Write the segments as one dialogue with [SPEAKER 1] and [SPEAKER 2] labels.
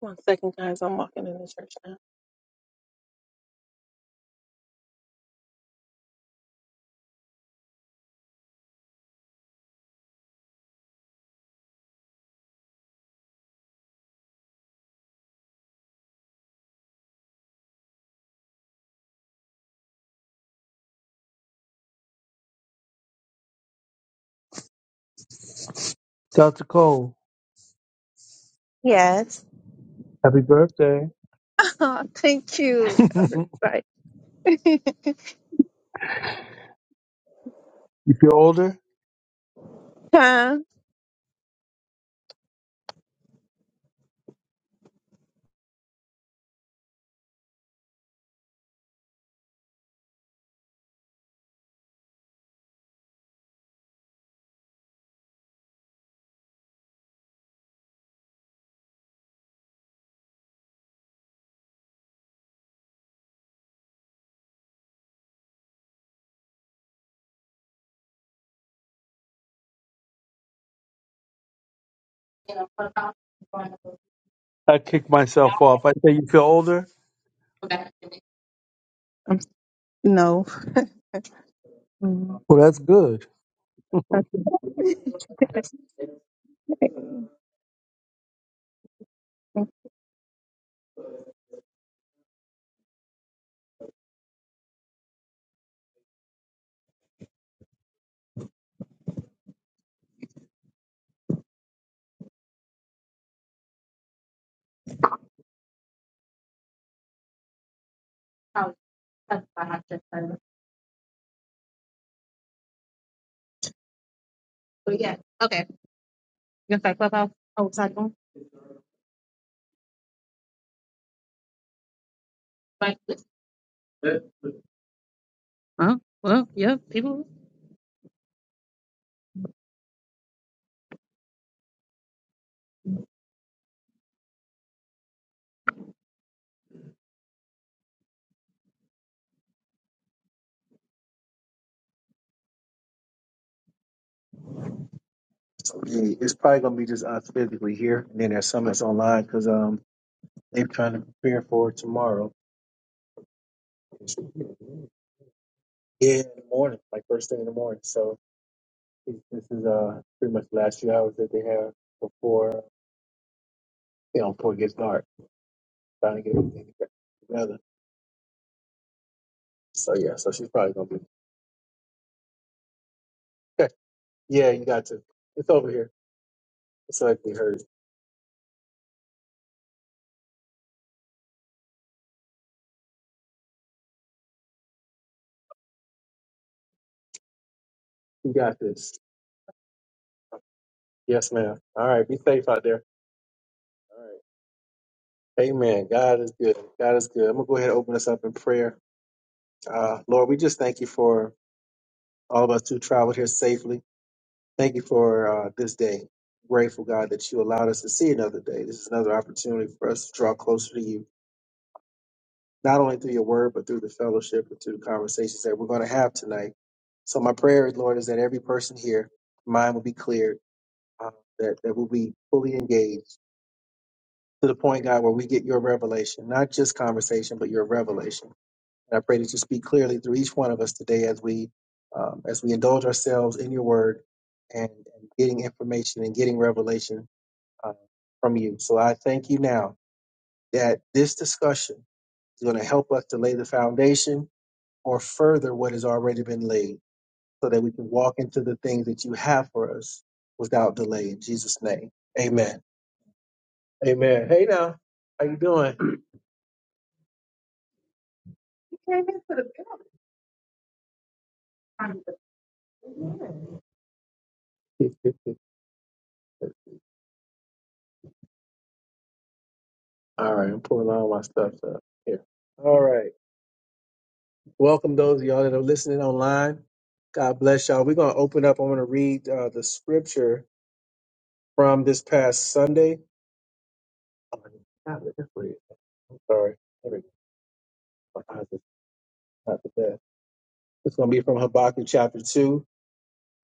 [SPEAKER 1] One second, guys. I'm walking in the church now.
[SPEAKER 2] Dr. Cole,
[SPEAKER 1] Yes.
[SPEAKER 2] happy birthday.
[SPEAKER 1] Oh, Thank you.
[SPEAKER 2] you
[SPEAKER 1] Uh, Right.
[SPEAKER 2] feel older?
[SPEAKER 1] Huh?
[SPEAKER 2] I kick myself off. I say, You feel older?
[SPEAKER 1] I'm, no. Mm.
[SPEAKER 2] Well, that's good.
[SPEAKER 1] Okay. Oh, that's why I just said it. But yeah. Okay. You gonna clubhouse? Oh, sorry. go on. Right. Huh? Well, yeah, people. Yeah, It's probably gonna be just us physically here, and then there's some that's online because um they're trying to prepare for tomorrow. Yeah, in the morning, like first thing in the morning. So. This is uh pretty much the last few hours that they have before you know before it gets dark, trying to get everything together. So yeah, so she's probably gonna be yeah, you got to. It's over here. It's likely hers. You got this. Yes, ma'am. All right, be safe out there. All right. Amen. God is good. God is good. I'm gonna go ahead and open us up in prayer. Uh Lord, we just thank you for all of us who traveled here safely. Thank you for uh, this day. Grateful God that you allowed us to see another day. This is another opportunity for us to draw closer to you. not only through your word, but through the fellowship and through the conversations that we're going to have tonight. So my prayer, Lord, is that every person here, mind will be cleared, uh, that, that we'll be fully engaged to the point, God, where we get your revelation, not just conversation, but your revelation. And I pray that you speak clearly through each one of us today as we, um, as we indulge ourselves in your word and, and getting information and getting revelation uh, from you. So I thank you now that this discussion is going to help us to lay the foundation or further what has already been laid so that we can walk into the things that you have for us without delay in jesus name amen amen hey now how you doing You came into the building. all right i'm pulling all my stuff up here all right welcome those of y'all that are listening online god bless y'all we're going to open up i want to read uh, the scripture from this past sunday Oh, I got it. is. it? i'm sorry There we go. My eyes are not the best. It's going to be from Habakkuk chapter 2,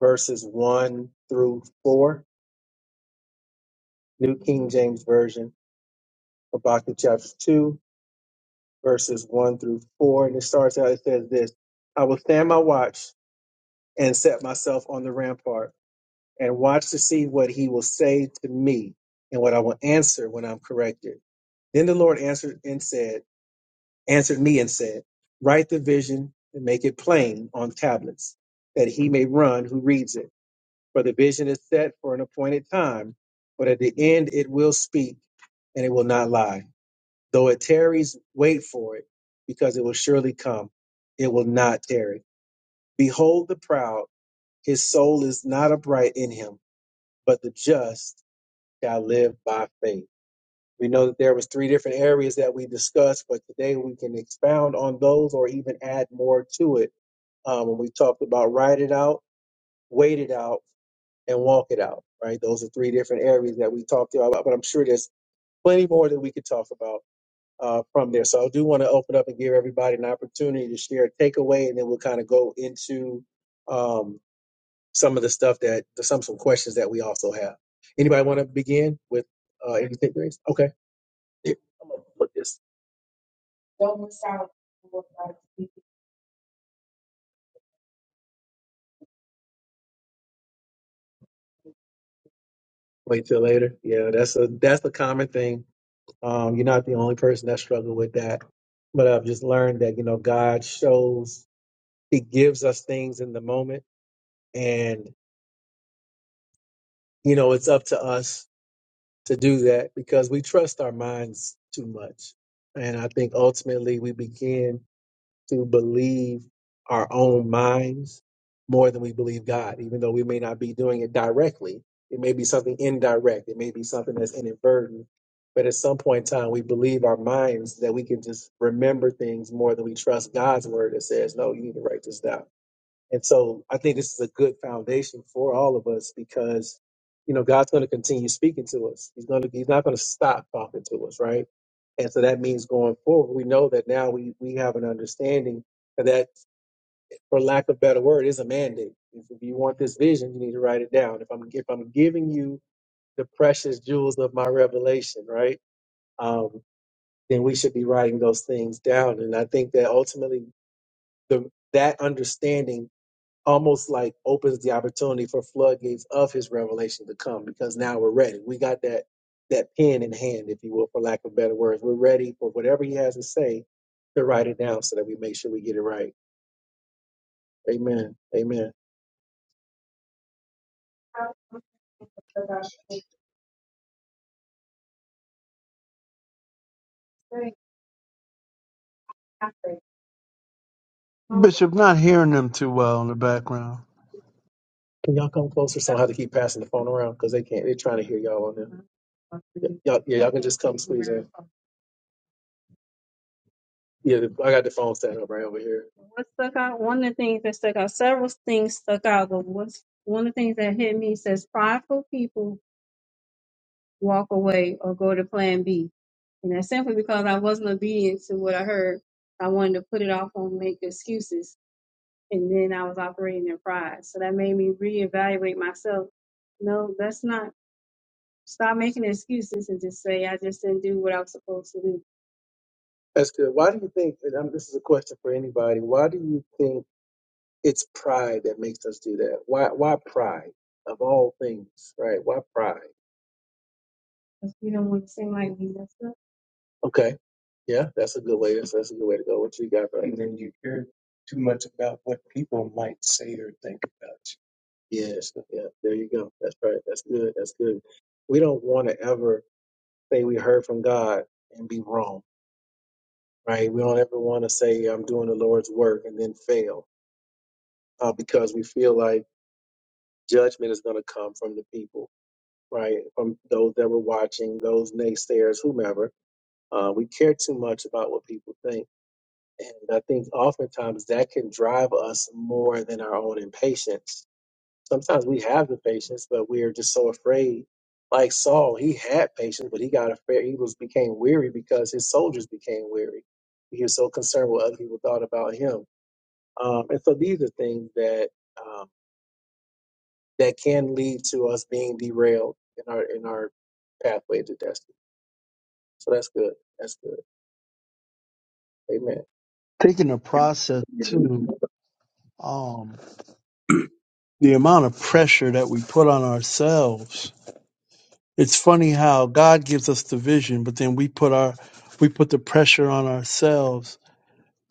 [SPEAKER 1] verses 1 through 4, New King James Version. Habakkuk chapter 2, verses 1 through 4. And it starts out, it says this I will stand my watch and set myself on the rampart and watch to see what he will say to me and what I will answer when I'm corrected. Then the Lord answered and said, answered me and said, Write the vision and make it plain on tablets, that he may run who reads it. For the vision is set for an appointed time, but at the end it will speak and it will not lie. Though it tarries, wait for it, because it will surely come. It will not tarry. Behold the proud, his soul is not upright in him, but the just shall live by faith. We know that there was three different areas that we discussed, but today we can expound on those or even add more to it. Um, when we talked about write it out, wait it out, and walk it out, right? Those are three different areas that we talked about, but I'm sure there's plenty more that we could talk about uh, from there. So I do want to open up and give everybody an opportunity to share a takeaway, and then we'll kind of go into um, some of the stuff that some some questions that we also have. Anybody want to begin with uh, anything, Grace? Okay, Here, I'm gonna put this. Don't miss out. Wait till later. Yeah, that's a that's a common thing Um, you're not the only person that struggled with that. But I've just learned that, you know, God shows, He gives us things in the moment. And, you know, it's up to us to do that because we trust our minds too much. And I think ultimately we begin to believe our own minds more than we believe God, even though we may not be doing it directly. It may be something indirect, it may be something that's inadvertent. But at some point in time, we believe our minds that we can just remember things more than we trust God's word that says, no, you need to write this down and so I think this is a good foundation for all of us because, you know, God's going to continue speaking to us. He's going to, he's not going to stop talking to us, right? And so that means going forward, we know that now we, we have an understanding that, for lack of a better word, is a mandate. If, if you want this vision, you need to write it down. If I'm, if I'm giving you the precious jewels of my revelation, right? Um, then we should be writing those things down. And I think that ultimately the, that understanding almost like opens the opportunity for floodgates of his revelation to come because now we're ready. We got that that pen in hand, if you will, for lack of better words. We're ready for whatever he has to say to write it down so that we make sure we get it right. Amen. Amen.
[SPEAKER 2] Bishop, not hearing them too well in the background.
[SPEAKER 1] Can y'all come closer? So I have to keep passing the phone around because they can't. They're trying to hear y'all on there. Y'all, yeah, y'all can just come squeeze in. Yeah, the- I got the phone set up right over here. What stuck out? One of the things that stuck out, several things stuck out, but what's one of the things that hit me says prideful people walk away or go to plan B. And that's simply because I wasn't obedient to what I heard. I wanted to put it off and make excuses. And then I was operating in pride. So that made me reevaluate myself. No, that's not. Stop making excuses and just say, I just didn't do what I was supposed to do. That's good. Why do you think? And um, this is a question for anybody. Why do you think? It's pride that makes us do that. Why? Why pride of all things, right? Why pride? Because we don't want to seem like we messed up. Okay, yeah, that's a good way. That's, that's a good way to go. What you got, brother? And then you care too much about what people might say or think about Yeah, you. Yeah, So, yeah. There you go. That's right. That's good. That's good. We don't want to ever say we heard from God and be wrong, right? We don't ever want to say I'm doing the Lord's work and then fail uh, because we feel like judgment is going to come from the people. right? From those that were watching, those naysayers, whomever. Uh, we care too much about what people think. And I think oftentimes that can drive us more than our own impatience. Sometimes we have the patience, but we are just so afraid. Like Saul, he had patience, but he got afraid. He was became weary because his soldiers became weary. He was so concerned what other people thought about him. Um, and so these are things that um, that can lead to us being derailed in our in our pathway to destiny. So that's good. That's good. Amen.
[SPEAKER 2] Taking the process to um, the amount of pressure that we put on ourselves. It's funny how God gives us the vision, but then we put our we put the pressure on ourselves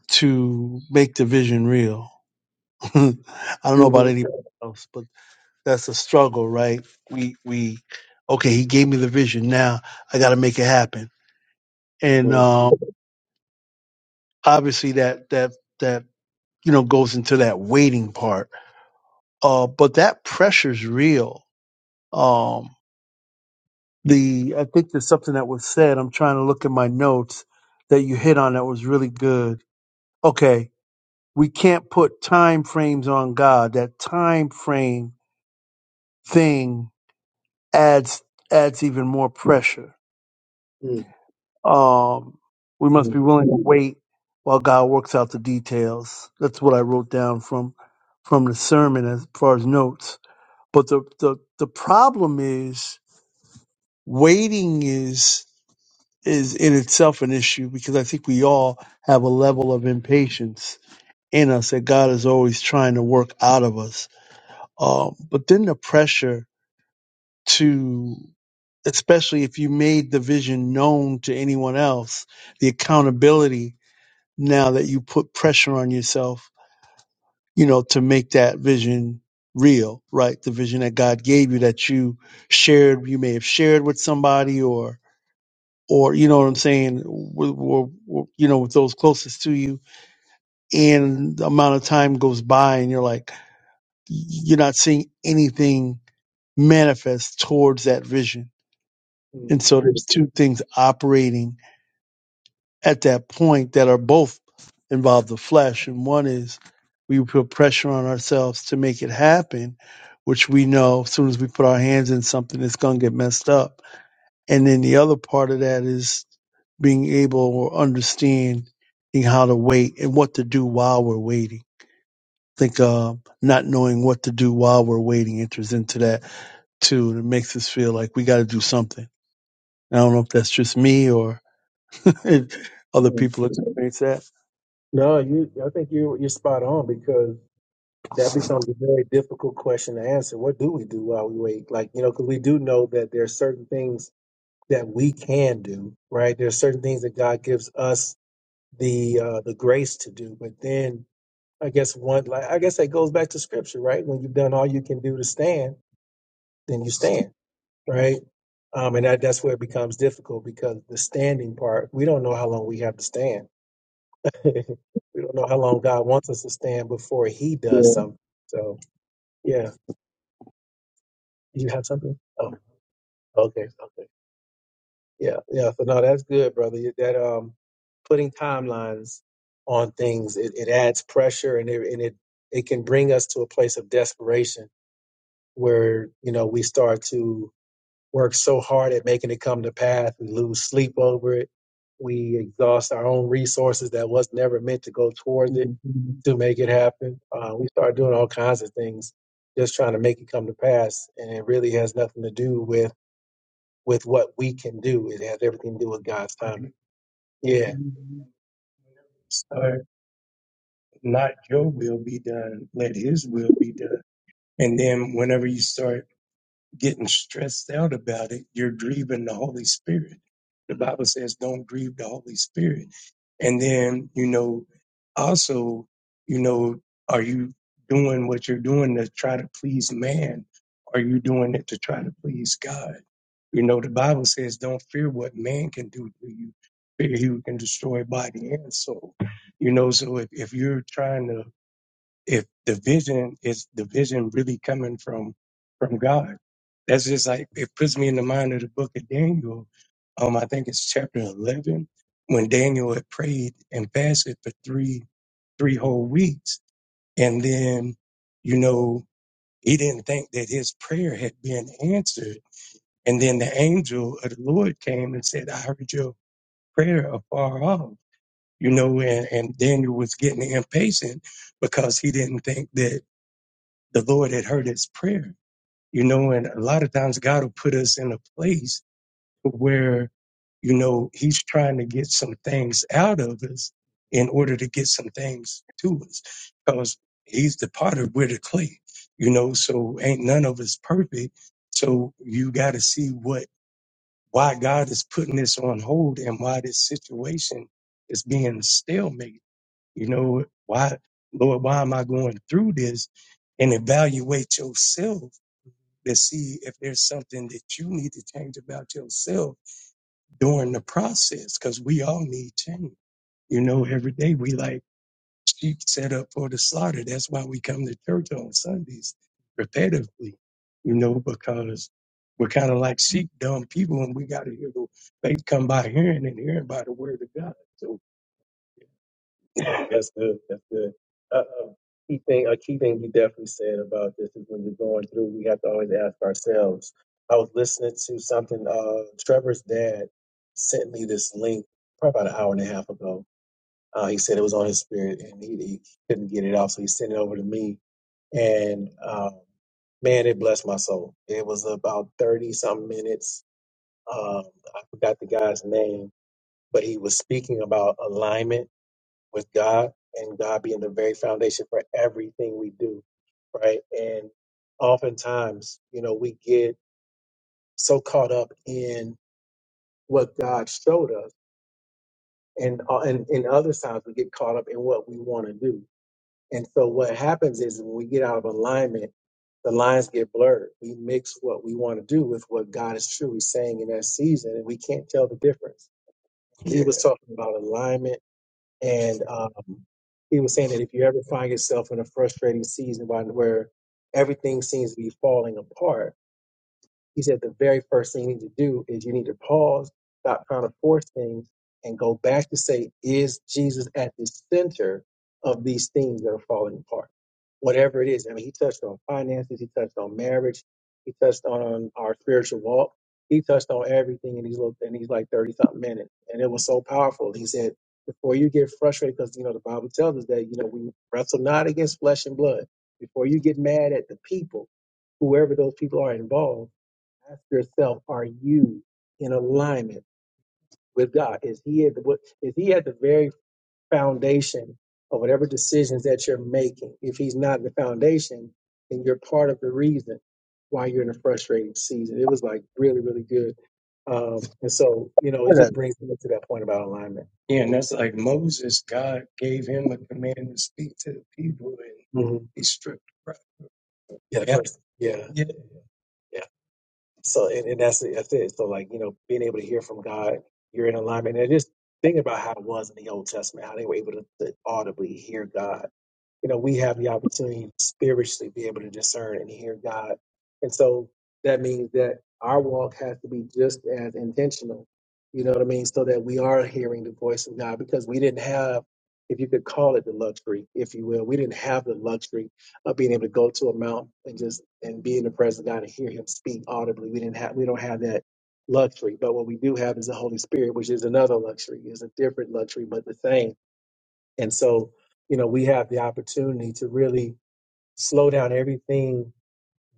[SPEAKER 2] to make the vision real. I don't know about
[SPEAKER 1] hmm
[SPEAKER 2] anybody else, but that's a struggle, right? We we okay, he gave me the vision. Now I got to make it happen. And
[SPEAKER 1] mm
[SPEAKER 2] uh, obviously that that that you know goes into that waiting part. Uh, but that pressure's real. Um, the I think there's something that was said. I'm trying to look at my notes that you hit on that was really good. Okay, we can't put time frames on God. That time frame thing adds adds even more pressure Um, we must be
[SPEAKER 1] mm
[SPEAKER 2] willing to wait while God works out the details. That's what I wrote down from from the sermon as far as notes. But the the, the problem is waiting is is in itself an issue because I think we all have a level of impatience in us that God is always trying to work out of us. Um, but then the pressure to especially if you made the vision known to anyone else, the accountability now that you put pressure on yourself, you know, to make that vision real, right? The vision that God gave you that you shared, you may have shared with somebody or, or, you know what I'm saying? w w w- you know, with those closest to you and the amount of time goes by and you're like, you're not seeing anything manifest towards that vision. And
[SPEAKER 1] mm
[SPEAKER 2] so there's two things operating at that point that are both involve the flesh. And one is we put pressure on ourselves to make it happen, which we know as soon as we put our hands in something, it's going to get messed up. And then the other part of that is being able or understanding how to wait and what to do while we're waiting. I think uh, not knowing what to do while we're waiting enters into that too. And it makes us feel like we got to do something. I don't know if that's just me or other
[SPEAKER 1] mm
[SPEAKER 2] people experience that.
[SPEAKER 1] No, you. I think you you're spot on because that becomes a very difficult question to answer. What do we do while we wait? Like you know, because we do know that there are certain things that we can do, right? There are certain things that God gives us the uh, the grace to do, but then I guess one, like I guess that goes back to Scripture, right? When you've done all you can do to stand, then you stand. right? Um, and that, that's where it becomes difficult because the standing part, we don't know how long we have to stand. we don't know how long God wants us to stand before He does
[SPEAKER 2] Yeah.
[SPEAKER 1] something. So, yeah, you have something? Oh, okay, okay, yeah, yeah. So no, that's good, brother. That um, putting timelines on things, it, it adds pressure and it and it it can bring us to a place of desperation where you know we start to work so hard at making it come to pass. We lose sleep over it. We exhaust our own resources that was never meant to go towards
[SPEAKER 3] Yeah,
[SPEAKER 1] it to make it happen. Uh, we start doing all kinds of things just trying to make it come to pass, and it really has nothing to do with with what we can do. It has everything to do with God's timing. Yeah. Start not your will be done, let his will be done. And then whenever you start getting stressed out about it, you're grieving the Holy Spirit. The Bible says, don't grieve the Holy Spirit. And then, you know, also, you know, are you doing what you're doing to try to please man? Are you doing it to try to please God? You know, the Bible says, don't fear what man can do to you. Fear he who can destroy body and soul. You know, so if, if you're trying to if the vision is the vision really coming from from God. That's just like it puts me in the mind of the book of Daniel. Um, I think it's chapter eleven when Daniel had prayed and fasted for three three whole weeks, and then you know he didn't think that his prayer had been answered, and then the angel of the Lord came and said, "I heard your prayer afar off." You know, and, and Daniel was getting impatient because he didn't think that the Lord had heard his prayer. You know, and a lot of times God will put us in a place where, you know, he's trying to get some things out of us in order to get some things to us because he's the potter, we're the clay, you know, so ain't none of us perfect. So you got to see what, why God is putting this on hold and why this situation is being stalemated you know, why, Lord, why am I going through this? And evaluate yourself to see if there's something that you need to change about yourself during the process, because we all need change. You know, every day we like sheep set up for the slaughter. That's why we come to church on Sundays repetitively, you know, because we're kind of like sheep, dumb people, and we got to hear the faith come by hearing and hearing by the word of God. So. That's good. That's good. Uh, um, key thing, a key thing you definitely said about this is when you're going through, we have to always ask ourselves. I was listening to something. Uh, Trevor's dad sent me this link probably about an hour and a half ago. Uh, he said it was on his spirit, and he, he couldn't get it out, so he sent it over to me. And um, man, it blessed my soul. It was about thirty something minutes. Um, I forgot the guy's name, but he was speaking about alignment with God and God being the very foundation for everything we do, right? And oftentimes, you know, we get so caught up in what God showed us, and uh, and, and other times we get caught up in what we want to do. And so what happens is when we get out of alignment, the lines get blurred. We mix what we want to do with what God is truly saying in that season, and we can't tell the difference. He was talking about alignment and um, he was saying that if you ever find yourself in a frustrating season where, where everything seems to be falling apart he said the very first thing you need to do is you need to pause, stop trying to force things, and go back to say, is Jesus at the center of these things that are falling apart? Whatever it is. I mean, he touched on finances, he touched on marriage, he touched on our spiritual walk, he touched on everything in these little in these like 30 something minutes. And it was so powerful. He said, before you get frustrated, because you know the Bible tells us that, you know, we wrestle not against flesh and blood. Before you get mad at the people, whoever those people are involved Ask yourself, are you in alignment with God? Is he at the, what- is he at the very foundation of whatever decisions that you're making? If he's not the foundation, then you're part of the reason why you're in a frustrating season. It was like really, really good. Um, and so, you know, it
[SPEAKER 2] Share
[SPEAKER 1] just
[SPEAKER 2] that.
[SPEAKER 1] brings me to that point about alignment. Yeah, and that's like Moses, God gave him a command to speak to the people and hmm he stripped. right? Yeah, the Yeah. first. Yeah. Yeah. So, and, and that's that's it. So, like you know, being able to hear from God, you're in alignment, and just think about how it was in the Old Testament, how they were able to, to audibly hear God. You know, we have the opportunity to spiritually be able to discern and hear God, and so that means that our walk has to be just as intentional. You know what I mean? So that we are hearing the voice of God because we didn't have, if you could call it the luxury, if you will, we didn't have the luxury of being able to go to a mount and just and be in the presence of God and hear Him speak audibly. We didn't have we don't have that luxury, but what we do have is the Holy Spirit, which is another luxury, is a different luxury, but the same. And so, you know, we have the opportunity to really slow down everything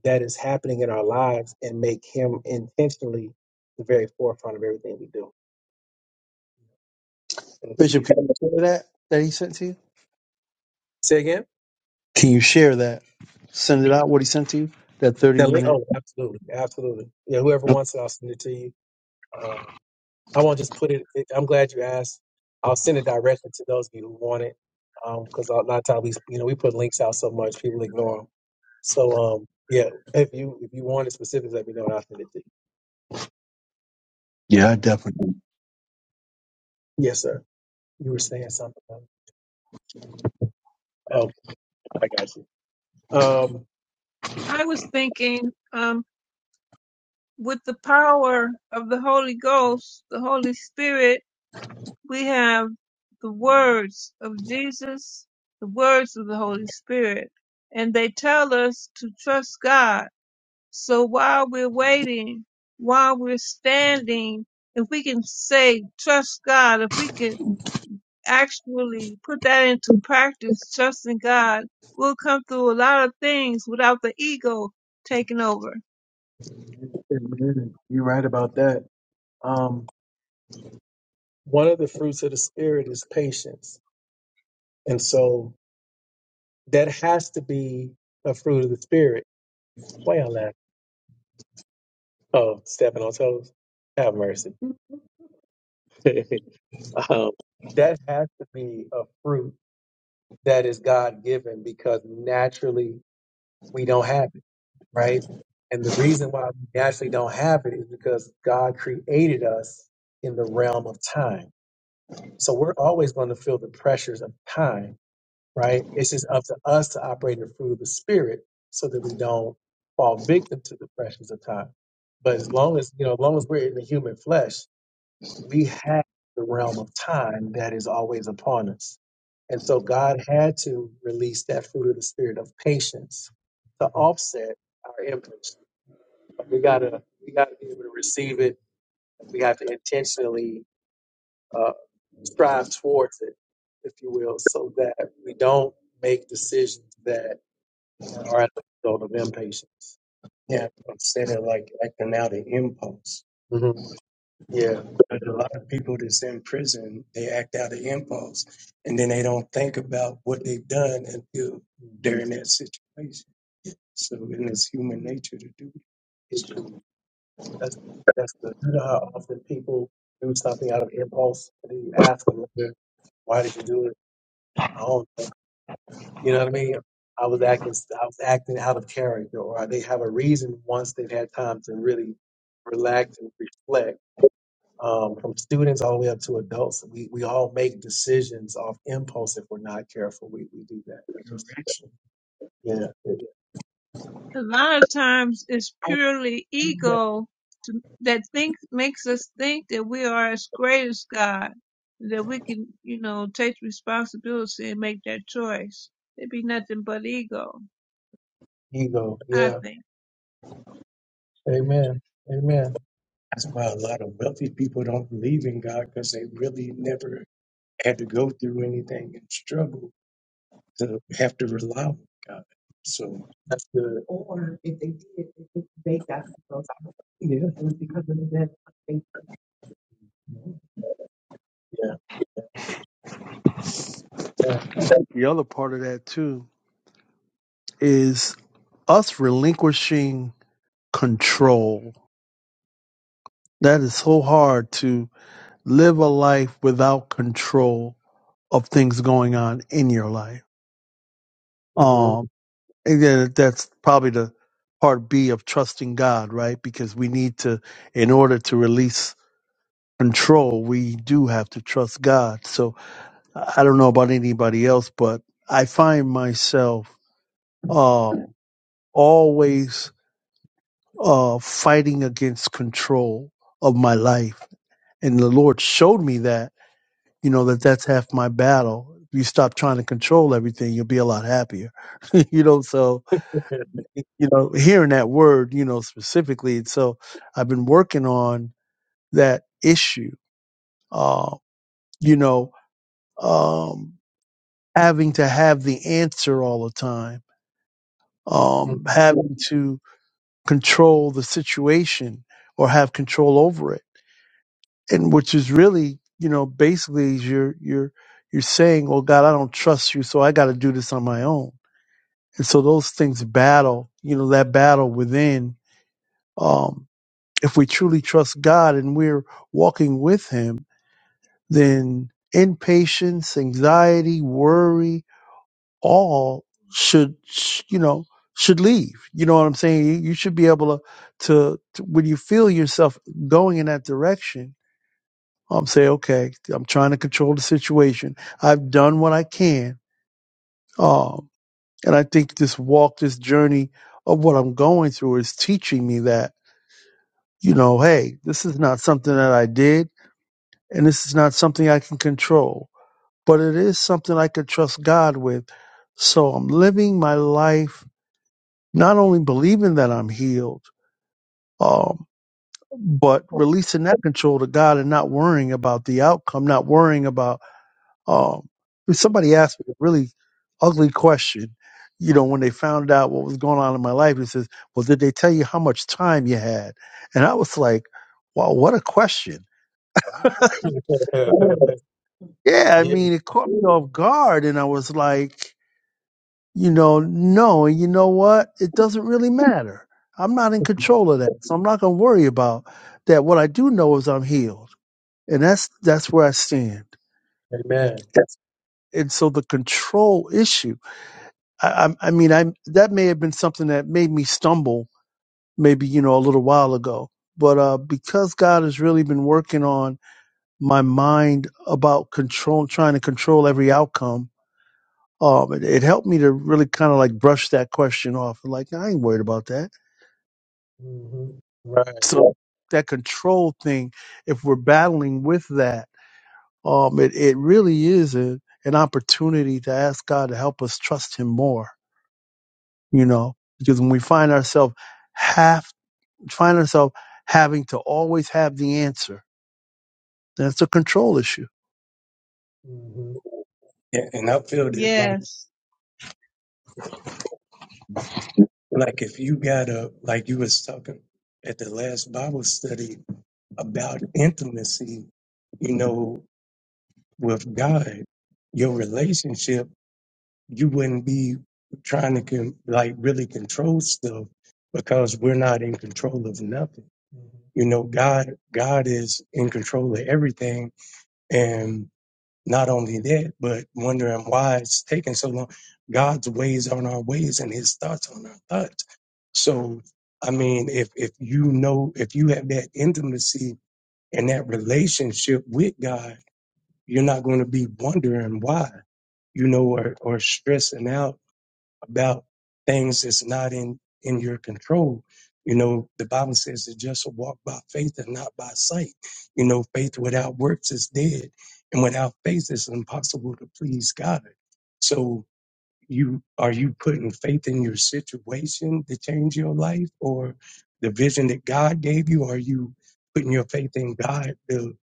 [SPEAKER 1] that is happening in our lives and make Him intentionally the very forefront of everything we do. And
[SPEAKER 2] Bishop,
[SPEAKER 1] we-
[SPEAKER 2] can you share that that he sent to you?
[SPEAKER 1] Say again.
[SPEAKER 2] Can you share that? Send it out what he sent to you? That thirty
[SPEAKER 1] The link-
[SPEAKER 2] minute.
[SPEAKER 1] Oh, absolutely, absolutely. Yeah, whoever wants it, I'll send it to you. Uh, I won't just put it. it- I'm glad you asked. I'll send it directly to those of you who want it, because a lot of times we, you know, we put links out so much people ignore them. So, um, yeah, if you if you want it specific, let me know and I'll send it to you. All
[SPEAKER 2] Yeah, I
[SPEAKER 1] right.
[SPEAKER 2] definitely.
[SPEAKER 1] Yes, sir. You were saying something. Okay, I got you. Um,
[SPEAKER 4] I was thinking, um, with the power of the Holy Ghost, the Holy Spirit, we have the words of Jesus, the words of the Holy Spirit, and they tell us to trust God. So while we're waiting, while we're standing, if we can say, trust God, if we can actually put that into practice, trusting God, we'll come through a lot of things without the ego taking over.
[SPEAKER 1] you're right about that. Um, one of the fruits of the spirit is patience, and so that has to be a fruit of the spirit. Why y'all laughing? Oh, stepping on toes. Have mercy um, that has to be a fruit that is God given because naturally we don't have it, right? And the reason why we naturally don't have it is because God created us in the realm of time. So we're always going to feel the pressures of time, right? It's just up to us to operate in the fruit of the spirit so that we don't fall victim to the pressures of time. But as long as, you know, as long as we're in the human flesh, we have the realm of time that is always upon us. And so God had to release that fruit of the spirit of patience to offset our impulse. We gotta we gotta be able to receive it and we have to intentionally uh, strive towards it, if you will, so that we don't make decisions that are as a result of impatience. Yeah, I said it like acting out an impulse. Yeah. But a lot of people that's in prison, they act out of impulse and then they don't think about what they've done until they're in that situation. So and it's human nature to do it. It's true. That's that's the you know how often people do something out of impulse and then you ask them later, why did you do it? I don't know. You know what I mean? I was acting I was acting out of character or they have a reason once they've had time to really relax and reflect um, from students all the way up to adults. We, we all make decisions off impulse if we're not careful. We, we do that. That's just, Correction. yeah, it-
[SPEAKER 4] a lot of times it's purely ego to, that think makes us think that we are as great as God, that we can, you know, take responsibility and make that choice. It'd be nothing but ego,
[SPEAKER 1] ego.
[SPEAKER 4] I
[SPEAKER 1] Yeah.
[SPEAKER 4] think.
[SPEAKER 1] Amen. Amen. That's why a lot of wealthy people don't believe in God because they really never had to go through anything and struggle to have to rely on God. So, That's good. Or if they did, if they got themselves out, yeah. it was because of that. death. Yeah.
[SPEAKER 2] The other part of that too is us relinquishing control. That is so hard to live a life without control of things going on in your life.
[SPEAKER 1] mm-hmm.
[SPEAKER 2] Um, and then that's probably the part B of trusting God, right? Because we need to, in order to release control. We do have to trust God. So I I don't know about anybody else, but I find myself
[SPEAKER 1] Mhm.
[SPEAKER 2] uh, always uh, fighting against control of my life. And the Lord showed me that, you know, that that's half my battle. If you stop trying to control everything, you'll be a lot happier. you know, so, you know, hearing that word, you know, specifically. And so I've been working on that issue. Uh, you know, um, having to have the answer all the time, um, having to control the situation or have control over it, and which is really, you know, basically you're you're you're saying, "Oh God, I don't trust you, so I got to do this on my own." And so those things battle, you know, that battle within. Um, if we truly trust God and we're walking with Him, then impatience, anxiety, worry, all should sh- you know should leave you know what i'm saying you, you should be able to, to to when you feel yourself going in that direction um say okay i'm trying to control the situation i've done what i can um and i think this walk this journey of what i'm going through is teaching me that you know hey this is not something that i did and this is not something i can control but it is something i can trust god with so i'm living my life not only believing that I'm healed, um, but releasing that control to God and not worrying about the outcome, not worrying about. Um, somebody asked me a really ugly question, you know, when they found out what was going on in my life. He says, "Well, did they tell you how much time you had?" And I was like, "Wow, what a question!" Yeah, I
[SPEAKER 1] yeah.
[SPEAKER 2] mean, it caught me off guard, and I was like. you know, no, and you know what? It doesn't really matter. I'm not in control of that. So I'm not gonna worry about that. What I do know is I'm healed. And that's that's where I stand.
[SPEAKER 1] Amen.
[SPEAKER 2] Yes. And so the control issue, I, I, I mean, I that may have been something that made me stumble, maybe you know, a little while ago. But uh, because God has really been working on my mind about control, trying to control every outcome, um, it, it helped me to really kind of like brush that question off. Like I ain't worried about that
[SPEAKER 1] hmm Right.
[SPEAKER 2] So that control thing, if we're battling with that, um, it, it really is a, an opportunity to ask God to help us trust Him more, you know, because when we find ourselves have find ourselves having to always have the answer, that's a control issue.
[SPEAKER 1] hmm Yeah, and I feel this.
[SPEAKER 4] Yes.
[SPEAKER 1] Like if you got a like you was talking at the last Bible study about intimacy, you know, with God, your relationship, you wouldn't be trying to con- like really control stuff because we're not in control of nothing. You know, God God is in control of everything, and. Not only that, but wondering why it's taking so long. God's ways aren't our ways and his thoughts aren't our thoughts. So, I mean, if, if you know, if you have that intimacy and that relationship with God, you're not going to be wondering why, you know, or, or stressing out about things that's not in in your control. You know, the Bible says to just walk by faith and not by sight. You know, faith without works is dead, and without faith, it's impossible to please God. So, you are you putting faith in your situation to change your life, or the vision that God gave you? Are you putting your faith in God to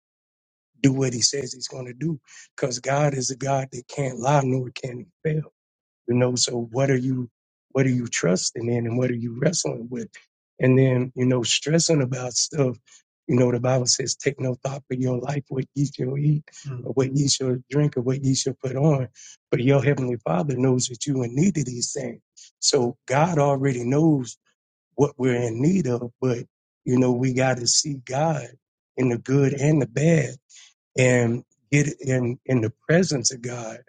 [SPEAKER 1] do what He says He's going to do? Because God is a God that can't lie nor can He fail you know so what are you what are you trusting in and what are you wrestling with and then you know stressing about stuff you know the bible says take no thought for your life what ye shall eat Mm. or what ye shall drink or what ye shall put on but your heavenly father knows that you in need of these things so god already knows what we're in need of but you know we got to see god in the good and the bad and get in in the presence of God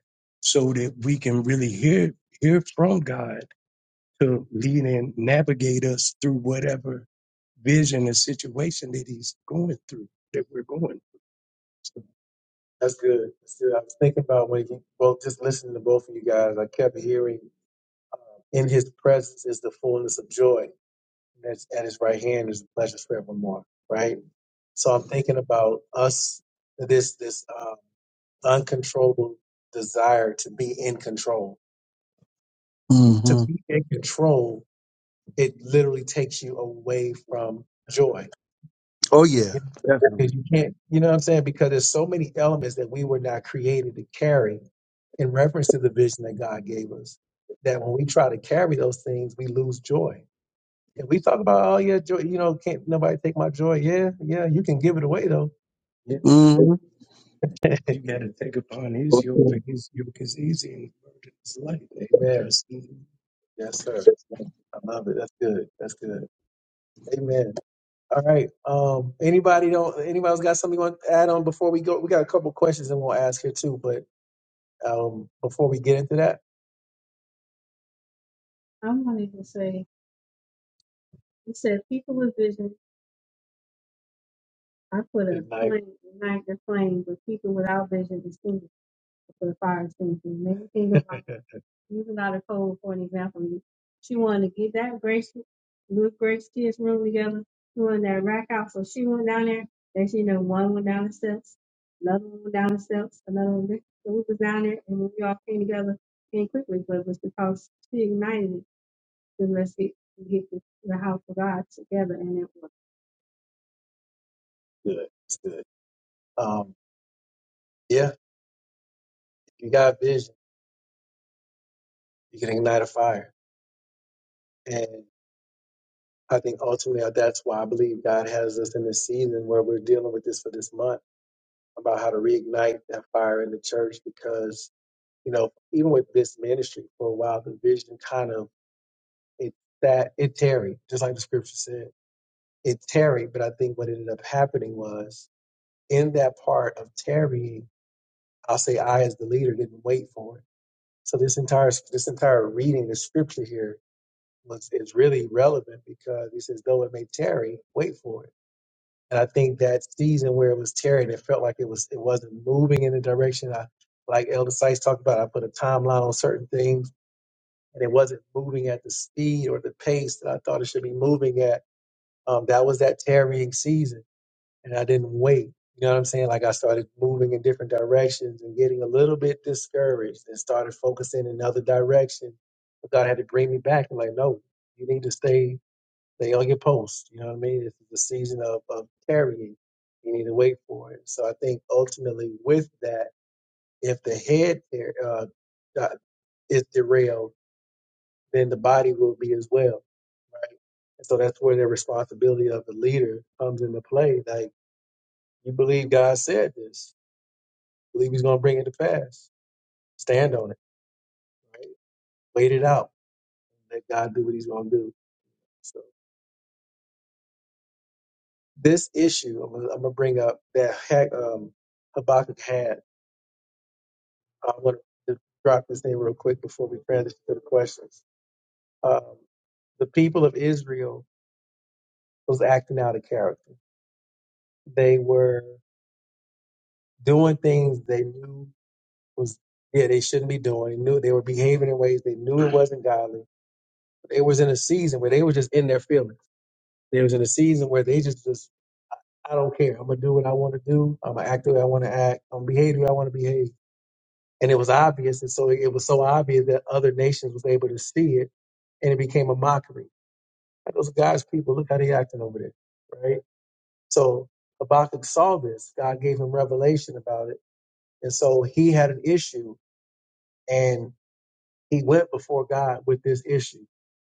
[SPEAKER 1] so that we can really hear hear from God to lead and navigate us through whatever vision or situation that he's going through that we're going through. That's good. That's good. I was thinking about when you both just listening to both of you guys. I kept hearing, "In His presence is the fullness of joy, and that's at His right hand is the pleasures forevermore." Right. So I'm thinking about us. This this. um, uncontrollable desire to be in control. To
[SPEAKER 2] hmm
[SPEAKER 1] be in control, it literally takes you away from joy.
[SPEAKER 2] Oh
[SPEAKER 1] You
[SPEAKER 2] yeah.
[SPEAKER 1] can't, 'cause you can't, you know what I'm saying? Because there's so many elements that we were not created to carry in reference to the vision that God gave us. That when we try to carry those things, we lose joy. And we talk about, oh yeah, joy, you know, can't nobody take my joy. Yeah, yeah, you can give it away though.
[SPEAKER 2] hmm
[SPEAKER 1] You got to take upon his yoke, for his yoke is easy and his burden is light. Amen. Yes, sir. I love it. That's good. That's good. Amen. All right. Um, anybody don't anybody else got something you want to add on before we go? We got a couple questions and we'll ask here too, but um before we get into that, I wanted to say, it said, people with vision, I put a ignite. flame, ignite the flame, but people without vision extinguish the fire extinguisher. Maybe think about using out of code for an example. She wanted to get that Grace, Luke Grace kids room together. doing that rack out, so she went down there. Then she know one went down the steps, another one went down the steps, another one. this- So we was down there, and we all came together came quickly, but it was because she ignited it. Then let's get get the, the house of God together, and it was Good. It's good. Um, yeah, if you got vision, you can ignite a fire. I think ultimately uh, that's why I believe God has us in this season where we're dealing with this for this month about how to reignite that fire in the church because you know even with this ministry for a while the vision kind of it that it tarried just like the scripture said it tarried but I think what ended up happening was in that part of tarrying I'll say I as the leader didn't wait for it so this entire this entire reading the scripture here was is really relevant because it says though it may tarry wait for it And I think that season where it was tearing, it felt like it was it wasn't moving in the direction I like Elder Sykes talked about. I put a timeline on certain things, and it wasn't moving at the speed or the pace that I thought it should be moving at. Um, that was that tarrying season, and I didn't wait. You know what I'm saying? Like I started moving in different directions and getting a little bit discouraged, and started focusing in another direction. But God had to bring me back and like, no, you need to stay they on your post. You know what I mean? This is the season of, of carrying. You need to wait for it. So I think ultimately with that, if the head there uh, di- is derailed, then the body will be as well, right? And so that's where the responsibility of the leader comes into play. Like you believe God said this, believe He's going to bring it to pass. Stand on it, wait it out, let God do what He's going to do. So this issue, I'm going to bring up that Hag- um, Habakkuk had. I want to drop this in real quick before we transition to the questions. Um, the people of Israel was acting out of character. They were doing things they knew was yeah they shouldn't be doing. They knew they were behaving in ways they knew it wasn't godly. They was in a season where they were just in their feelings. They was in a season where they just just I don't care. I'm gonna do what I want to do. I'm gonna act the way I want to act. I'm gonna behave the way I want to behave. And it was obvious, and so it was so obvious that other nations was able to see it, and it became a mockery. Like those God's people, look how they acting over there, right? So Habakkuk saw this. God gave him revelation about it, and so he had an issue, and he went before God with this issue.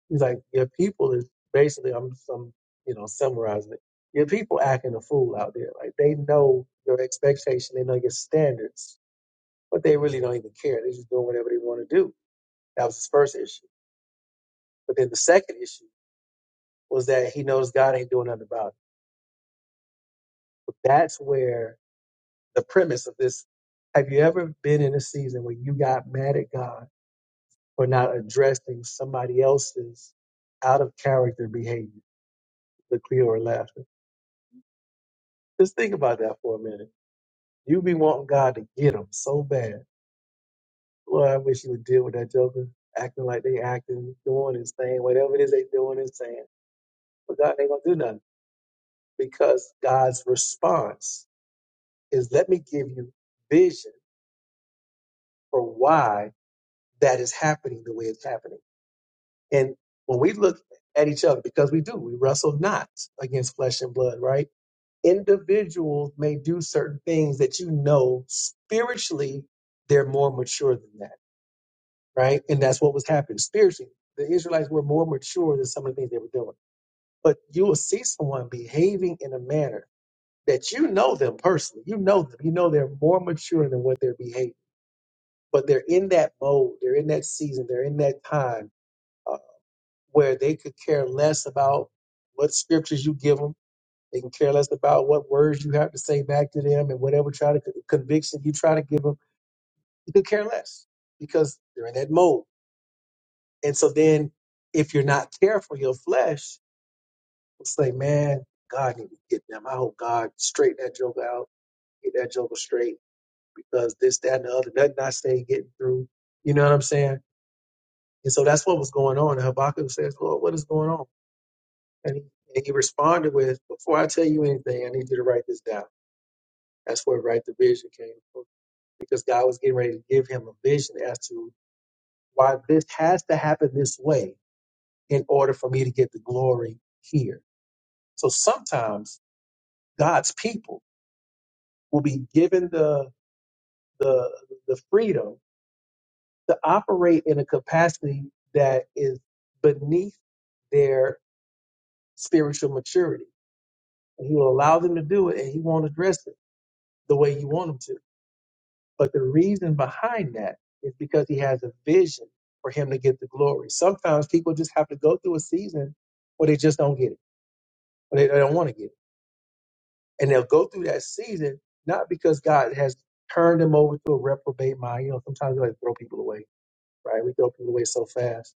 [SPEAKER 1] He's like, "Your people is basically, I'm, I'm you know, summarizing it. Your people acting a fool out there. Like they know your expectation, they know your standards, but they really don't even care. They're just doing whatever they want to do." That was his first issue. But then the second issue was that he knows God ain't doing nothing about it. But that's where the premise of this. Have you ever been in a season where you got mad at God for not addressing somebody else's out of character behavior? The or laughter. Just think about that for a minute. You be wanting God to get them so bad. Lord, I wish you would deal with that joker acting like they acting, doing and saying whatever it is they doing and saying. But God ain't gonna do nothing because God's response is let me give you vision for why that is happening the way it's happening And when we look at each other, because we do, we wrestle not against flesh and blood, right? Individuals may do certain things that you know spiritually they're more mature than that, right? And that's what was happening spiritually. The Israelites were more mature than some of the things they were doing. But you will see someone behaving in a manner that you know them personally. You know them. You know they're more mature than what they're behaving. But they're in that mode. They're in that season. They're in that time uh, where they could care less about what scriptures you give them. They can care less about what words you have to say back to them and whatever try to conviction you try to give them. You could care less because they're in that mode. And so then, if you're not careful, your flesh will say, "Man, God need to get them. I hope God straighten that joker out, get that joker straight because this, that, and the other doesn't I stay getting through." You know what I'm saying? And so that's what was going on. And Habakkuk says, "Lord, what is going on?" And he, and he responded with, Before I tell you anything, I need you to write this down. That's where right the vision came from. Because God was getting ready to give him a vision as to why this has to happen this way in order for me to get the glory here. So sometimes God's people will be given the the the freedom to operate in a capacity that is beneath their spiritual maturity. And he will allow them to do it and he won't address it the way you want him to But the reason behind that is because he has a vision for him to get the glory. Sometimes people just have to go through a season where they just don't get it, or they, they don't want to get it. And they'll go through that season not because God has turned them over to a reprobate mind. You know, sometimes we like to throw people away, right? We throw people away so fast.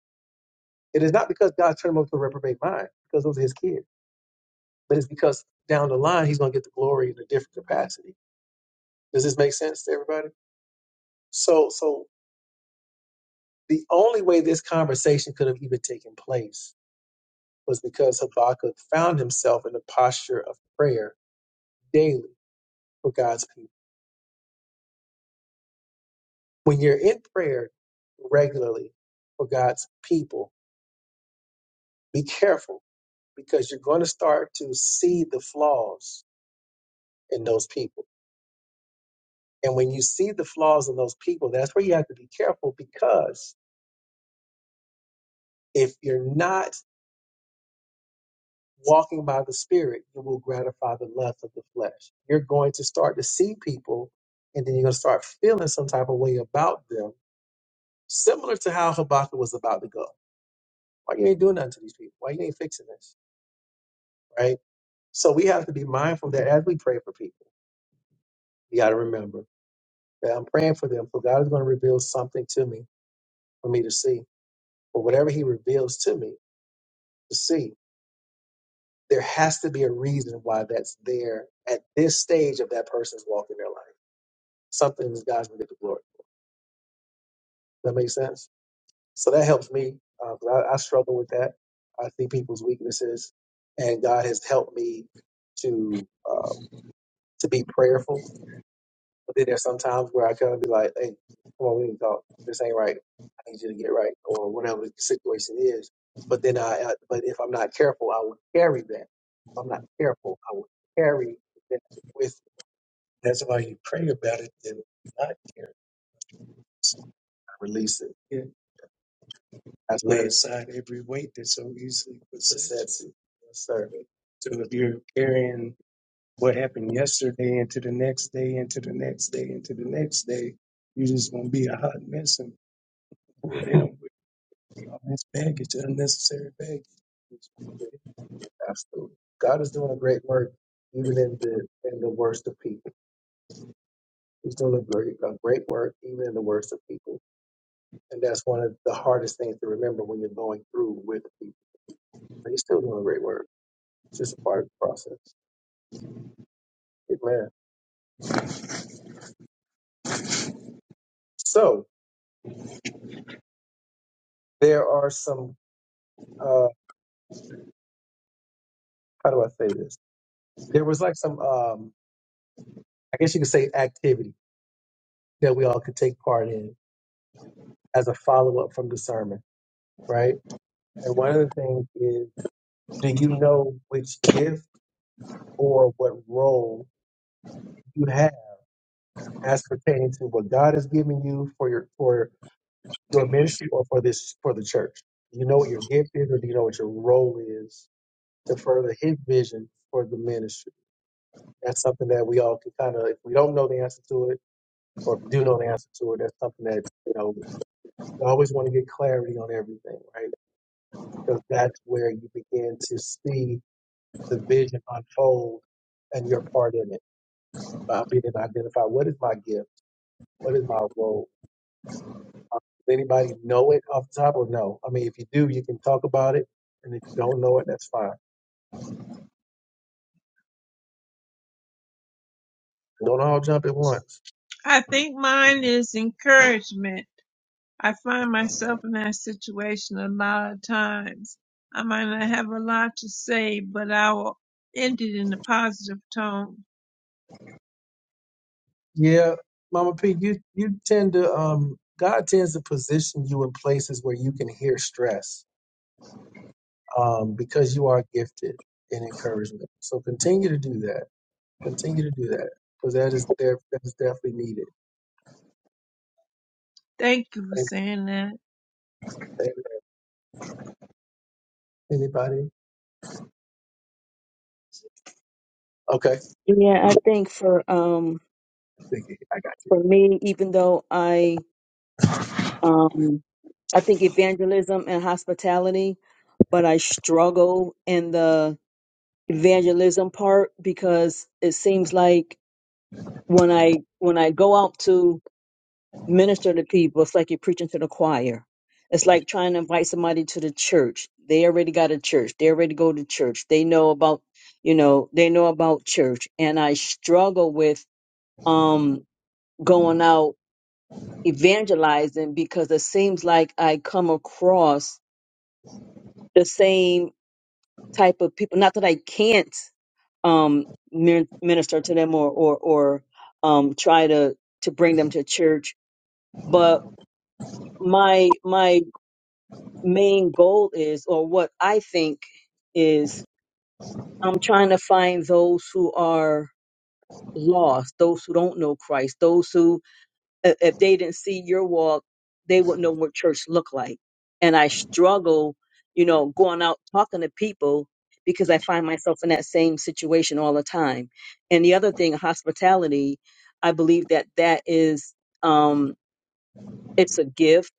[SPEAKER 1] It is not because God turned them over to a reprobate mind, because those are his kids. But it's because down the line he's gonna get the glory in a different capacity. Does this make sense to everybody? So so The only way this conversation could have even taken place was because Habakkuk found himself in a posture of prayer daily for God's people. When you're in prayer regularly for God's people, be careful because you're going to start to see the flaws in those people. And when you see the flaws in those people, that's where you have to be careful because if you're not walking by the spirit, you will gratify the lust of the flesh. You're going to start to see people and then you're going to start feeling some type of way about them, similar to how Habakkuk was about to go. Why you ain't doing nothing to these people? Why you ain't fixing this? Right? So we have to be mindful that as we pray for people, we got to remember that I'm praying for them, for God is going to reveal something to me for me to see. But whatever He reveals to me to see, there has to be a reason why that's there at this stage of that person's walk in their life something in disguise will get the glory. for. Does that make sense? So that helps me. Uh, 'cause I, I struggle with that. I see people's weaknesses, and God has helped me to uh, to be prayerful. But then there's some times where I kind of be like, "Hey, come on, we need to talk. This ain't right. I need you to get right, or whatever the situation is." But then I, I but if I'm not careful, I will carry that. If I'm not careful, I will carry that with. me. That's why you pray about it and not care. I release it. I've laid aside every weight that so easily besets it. Yes, sir. So if you're carrying what happened yesterday into the next day, into the next day, into the next day, you're just gonna be a hot mess and damn with all this baggage, unnecessary baggage. Absolutely. God is doing a great work even in the in the worst of people. He's doing a great a great work even in the worst of people. And that's one of the hardest things to remember when you're going through with people. But he's still doing a great work. It's just a part of the process. Amen. So there are some. Uh, how do I say this? There was like some. Um, I guess you could say activity that we all could take part in as a follow up from the sermon, right? And one of the things is, do you know which gift or what role you have as pertaining to what God has given you for your for your ministry or for this for the church? Do you know what your gift is, or do you know what your role is to further His vision for the ministry? That's something that we all can kind of, if we don't know the answer to it, or if you do know the answer to it, that's something that, you know, I always want to get clarity on everything, right? Because that's where you begin to see the vision unfold and your part in it. By being able to identify what is my gift? What is my role? Does anybody know it off the top or no? I mean, if you do, you can talk about it. And if you don't know it, that's fine. Don't all jump at once.
[SPEAKER 4] I think mine is encouragement. I find myself in that situation a lot of times. I might not have a lot to say, but I will end it in a positive tone.
[SPEAKER 1] Yeah, Mama P, you you tend to um God tends to position you in places where you can hear stress um because you are gifted in encouragement. So continue to do that. Continue to do that because that is there that is definitely needed.
[SPEAKER 4] Thank you for
[SPEAKER 1] And,
[SPEAKER 4] saying that.
[SPEAKER 1] and anybody? Okay,
[SPEAKER 3] I think for um
[SPEAKER 1] thank I got
[SPEAKER 3] for me, even though I um I think evangelism and hospitality, but I struggle in the evangelism part because it seems like when I when I go out to minister to people, it's like you're preaching to the choir. It's like trying to invite somebody to the church. They already got a church. They already go to church. They know about, you know, they know about church. And I struggle with um going out evangelizing because it seems like I come across the same type of people. Not that I can't um, min- minister to them or or, or um, try to to bring them to church, but my my main goal is, or what I think is, I'm trying to find those who are lost, those who don't know Christ, those who if if they didn't see your walk, they wouldn't know what church looked like. And I struggle, you know, going out talking to people because I find myself in that same situation all the time. And the other thing, hospitality, I believe that that is, um, it's a gift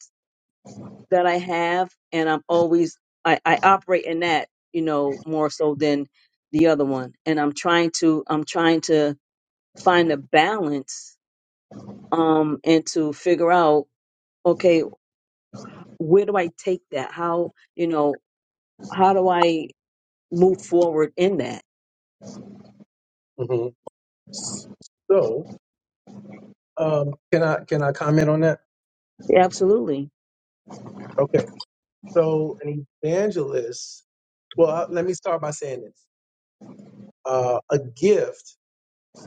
[SPEAKER 3] that I have, and I'm always I, I operate in that, you know, more so than the other one. And I'm trying to I'm trying to find a balance, um, and to figure out okay where do I take that? How, you know, how do I move forward in that?
[SPEAKER 1] it. hmm So um can I can I comment on that?
[SPEAKER 3] Absolutely.
[SPEAKER 1] Okay, so an evangelist. Well, uh, let me start by saying this. Uh, a gift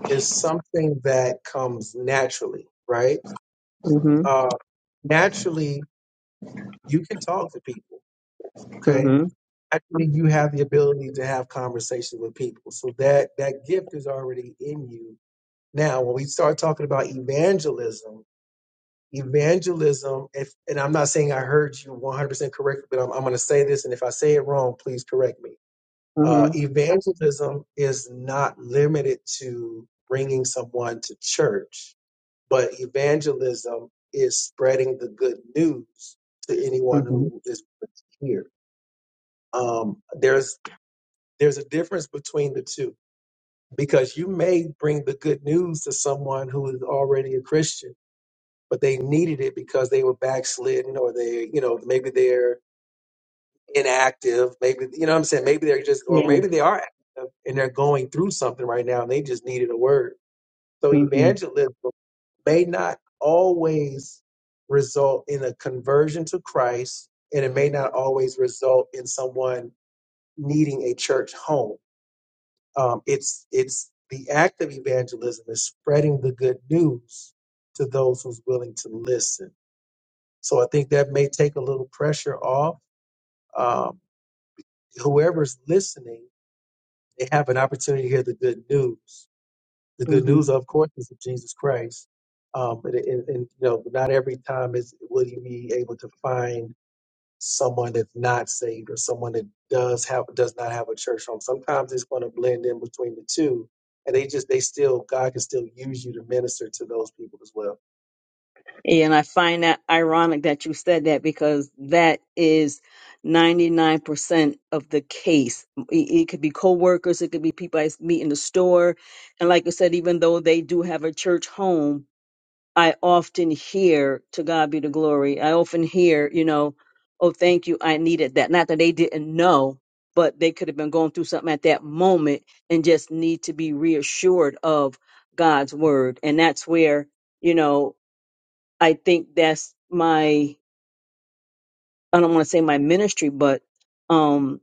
[SPEAKER 1] is something that comes naturally, right?
[SPEAKER 3] hmm
[SPEAKER 1] Uh, naturally, you can talk to people. Okay,
[SPEAKER 3] hmm
[SPEAKER 1] actually, you have the ability to have conversations with people, so that that gift is already in you. Now, when we start talking about evangelism, evangelism, if and I'm not saying I heard you 100% correctly, but I'm, I'm going to say this, and if I say it wrong, please correct me.
[SPEAKER 3] hmm
[SPEAKER 1] Uh, evangelism is not limited to bringing someone to church but evangelism is spreading the good news to anyone
[SPEAKER 3] hmm
[SPEAKER 1] who is here. Um, there's there's a difference between the two because you may bring the good news to someone who is already a Christian, but they needed it because they were backslidden or they, you know, maybe they're inactive, maybe you know what I'm saying, maybe they're just or
[SPEAKER 3] Yeah.
[SPEAKER 1] maybe they are active and they're going through something right now and they just needed a word. So
[SPEAKER 3] hmm
[SPEAKER 1] evangelism may not always result in a conversion to Christ, and it may not always result in someone needing a church home. Um, it's it's the act of evangelism is spreading the good news to those who's willing to listen. So I think that may take a little pressure off. Um, whoever's listening, they have an opportunity to hear the good news. the good
[SPEAKER 3] hmm
[SPEAKER 1] news, of course, is of Jesus Christ. Um, and, and, and you know, not every time is will you be able to find someone that's not saved or someone that does have does not have a church home. Sometimes it's going to blend in between the two, and they just they still God can still use you to minister to those people as well.
[SPEAKER 3] And I find that ironic that you said that because that is 99% of the case. It, it could be coworkers, it could be people I meet in the store. And like you said, even though they do have a church home, I often hear, to God be the glory, I often hear, you know, oh, thank you, I needed that. Not that they didn't know, but they could have been going through something at that moment and just need to be reassured of God's word. And that's where, you know, I think that's my, I don't want to say my ministry, but, um,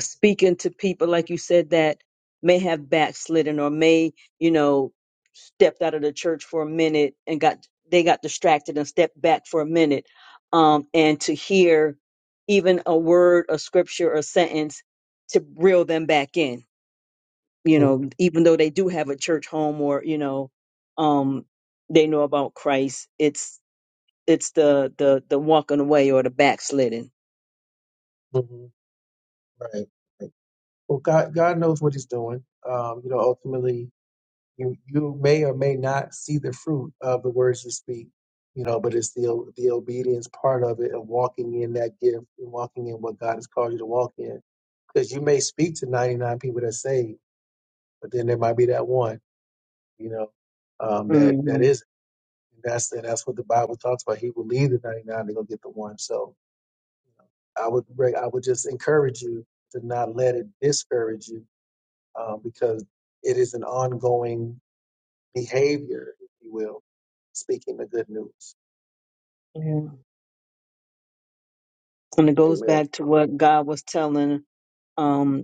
[SPEAKER 3] speaking to people like you said that may have backslidden or may you know stepped out of the church for a minute and got they got distracted and stepped back for a minute um and to hear even a word a scripture or sentence to reel them back in you know
[SPEAKER 1] hmm
[SPEAKER 3] even though they do have a church home or you know um they know about christ it's it's the the the walking away or the backslidden
[SPEAKER 1] Right. Right. Well, God, God knows what He's doing. Um, you know, ultimately, you you may or may not see the fruit of the words you speak you know but it's the the obedience part of it of walking in that gift and walking in what god has called you to walk in because you may speak to 99 people that say but then there might be that one you know um that that
[SPEAKER 3] hmm
[SPEAKER 1] is that's and that's what the bible talks about he will leave the 99 to go get the one so i would re- i would just encourage you to not let it discourage you um, because it is an ongoing behavior, if you will, speaking the good news.
[SPEAKER 3] Yeah. And it goes
[SPEAKER 1] Amen.
[SPEAKER 3] back to what God was telling um,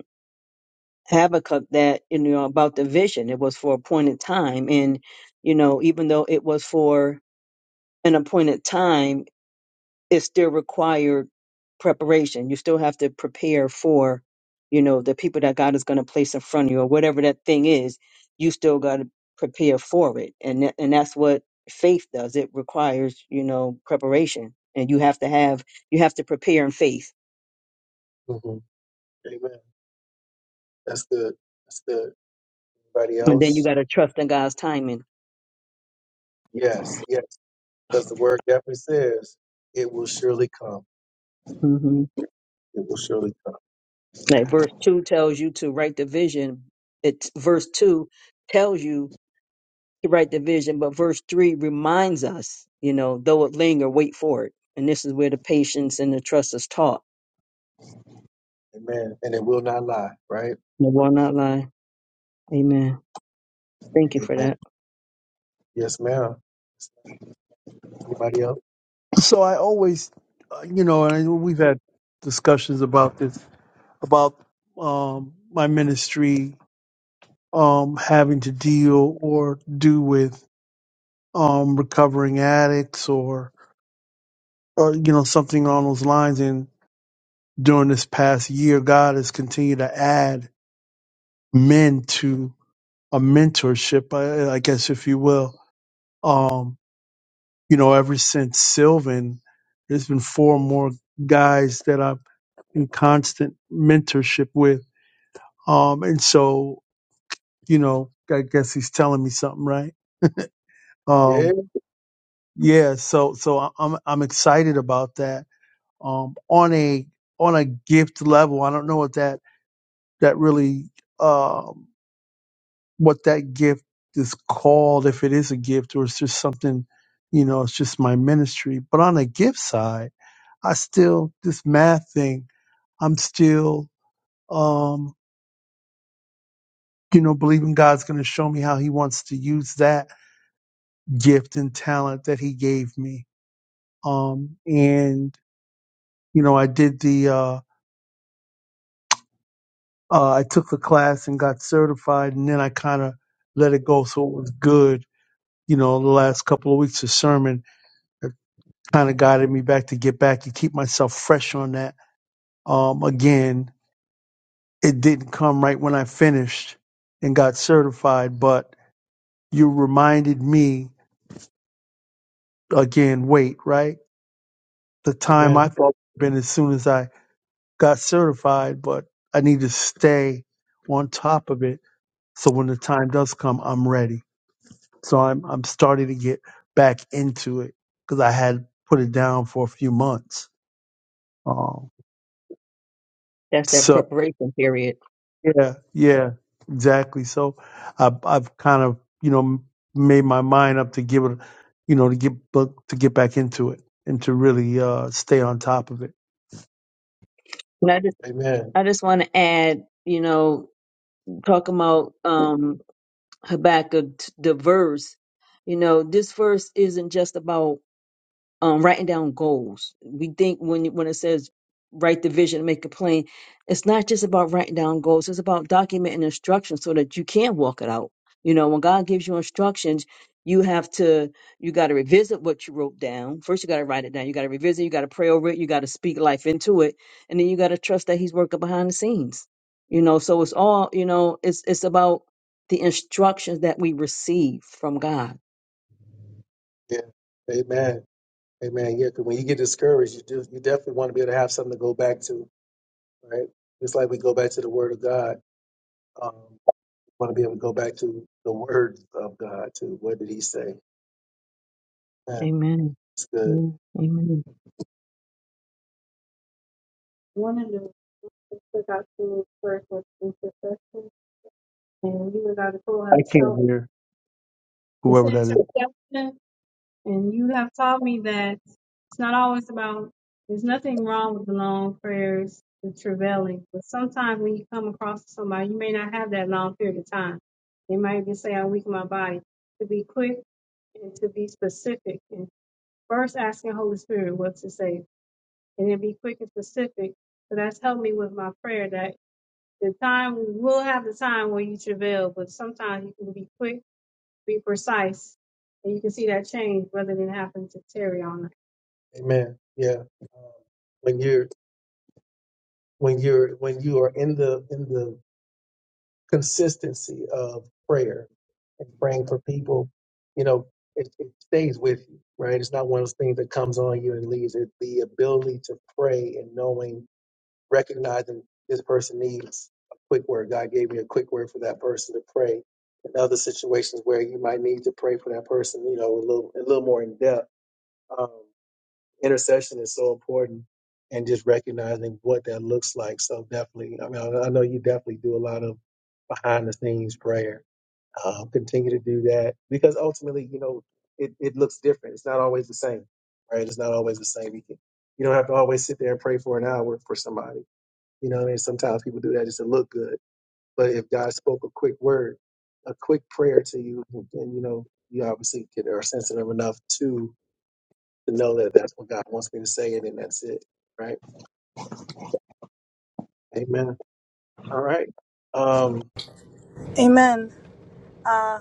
[SPEAKER 3] Habakkuk that, you know, about the vision. It was for a appointed time. And, you know, even though it was for an appointed time, it still required preparation. You still have to prepare for, you know, the people that God is going to place in front of you or whatever that thing is. You still got to prepare for it, and tha- and that's what faith does. It requires, you know, preparation, and you have to have you have to prepare in faith,
[SPEAKER 1] hmm Amen. That's good. That's good. Anybody
[SPEAKER 3] and then you
[SPEAKER 1] else?
[SPEAKER 3] got to trust in God's timing.
[SPEAKER 1] Yes, yes. Because the word definitely says it will surely come.
[SPEAKER 3] hmm
[SPEAKER 1] It will surely come.
[SPEAKER 3] Like verse two tells you to write the vision. It's verse two tells you the right division, but verse three reminds us, you know, though it linger, wait for it. And this is where the patience and the trust is taught.
[SPEAKER 1] Amen. And it will not lie, right?
[SPEAKER 3] The will not lie. Amen. Thank you for
[SPEAKER 1] Amen.
[SPEAKER 3] that.
[SPEAKER 1] Yes, ma'am. Anybody else?
[SPEAKER 2] So I always, uh, you know, and I, know we've had discussions about this about um, my ministry um, having to deal or do with um, recovering addicts or, or you know something along those lines. And during this past year, God has continued to add men to a mentorship, I, I guess, if you will. Um, you know, ever since Sylvan, there's been four more guys that I'm in constant mentorship with. Um, and so, you know, I guess he's telling me something, right? Um,
[SPEAKER 1] Yeah.
[SPEAKER 2] Yeah, so so I- I'm I'm excited about that. Um, on a on a gift level, I don't know what that that really um what that gift is called, if it is a gift or it's just something, you know, it's just my ministry. But on a gift side, I still this math thing. I'm still um you know believing God's going to show me how He wants to use that gift and talent that He gave me. Um, and you know, I did the. uh Uh, I took the class and got certified, and then I kind of let it go. So it was good. You know, the last couple of weeks of sermon kind of guided me back to get back and keep myself fresh on that. Um, again, it didn't come right when I finished and got certified, but you reminded me again, wait, right? The time
[SPEAKER 1] Amen.
[SPEAKER 2] I thought would have been as soon as I got certified, but I need to stay on top of it. So when the time does come, I'm ready. So I'm I'm starting to get back into it because I had put it down for a few months. Um,
[SPEAKER 3] That's that
[SPEAKER 2] so
[SPEAKER 3] preparation period.
[SPEAKER 2] yeah, yeah, exactly. So i I've kind of you know made my mind up to give it, you know, to get bu- to get back into it and to really uh, stay on top of it.
[SPEAKER 3] And I just,
[SPEAKER 1] Amen.
[SPEAKER 3] I just want to add, you know, talking about um, Habakkuk, t- the verse, you know, this verse isn't just about um, writing down goals. We think when when it says write the vision, and make a plan, it's not just about writing down goals. It's about documenting instructions so that you can walk it out. You know, when God gives you instructions, you have to you got to revisit what you wrote down. First, you got to write it down. You got to revisit. You got to pray over it. You got to speak life into it, and then you got to trust that He's working behind the scenes. You know, so it's all you know. It's it's about the instructions that we receive from God.
[SPEAKER 1] Yeah. Amen. Amen. Yeah. Because when you get discouraged, you do, you definitely want to be able to have something to go back to, right? It's like we go back to the Word of God. Um, want to be able to go back to the words of God too. What did He say? Yeah,
[SPEAKER 3] Amen.
[SPEAKER 1] it's good.
[SPEAKER 3] Yeah, amen.
[SPEAKER 1] One of the things that got to first was intercession, and you got to pull
[SPEAKER 2] I
[SPEAKER 1] us
[SPEAKER 2] can't
[SPEAKER 1] out.
[SPEAKER 2] hear
[SPEAKER 1] It's
[SPEAKER 2] whoever that is.
[SPEAKER 1] intercession, and you have taught me that it's not always about. There's nothing wrong with the long prayers, the travailing, but sometimes when you come across somebody, you may not have that long period of time. They might just say, "I weaken my body." To be quick and to be specific and First, asking Holy Spirit what to say, and then be quick and specific. So that's helped me with my prayer. That the time we will have the time where you travail, but sometimes you can be quick, be precise, and you can see that change rather than having to tarry on it. Amen. Yeah. Um, when you're when you're when you are in the in the consistency of prayer and praying for people, you know, it, it stays with you, right? It's not one of those things that comes on you and leaves. It the ability to pray and knowing, recognizing this person needs a quick word. God gave me a quick word for that person to pray. In other situations where you might need to pray for that person, you know, a little a little more in depth. um, intercession is so important and just recognizing what that looks like. So definitely, I mean, I I know you definitely do a lot of behind the scenes prayer. Uh, continue to do that because ultimately, you know, it, it looks different. It's not always the same, right? It's not always the same. You, can, you don't have to always sit there and pray for an hour for somebody. You know what I mean? Sometimes people do that just to look good. But if God spoke a quick word, a quick prayer to you, then, you know, you obviously get, are sensitive enough to to know that that's what God wants me to say it and that's it. Right. Amen. All right. Um,
[SPEAKER 5] Amen. Uh,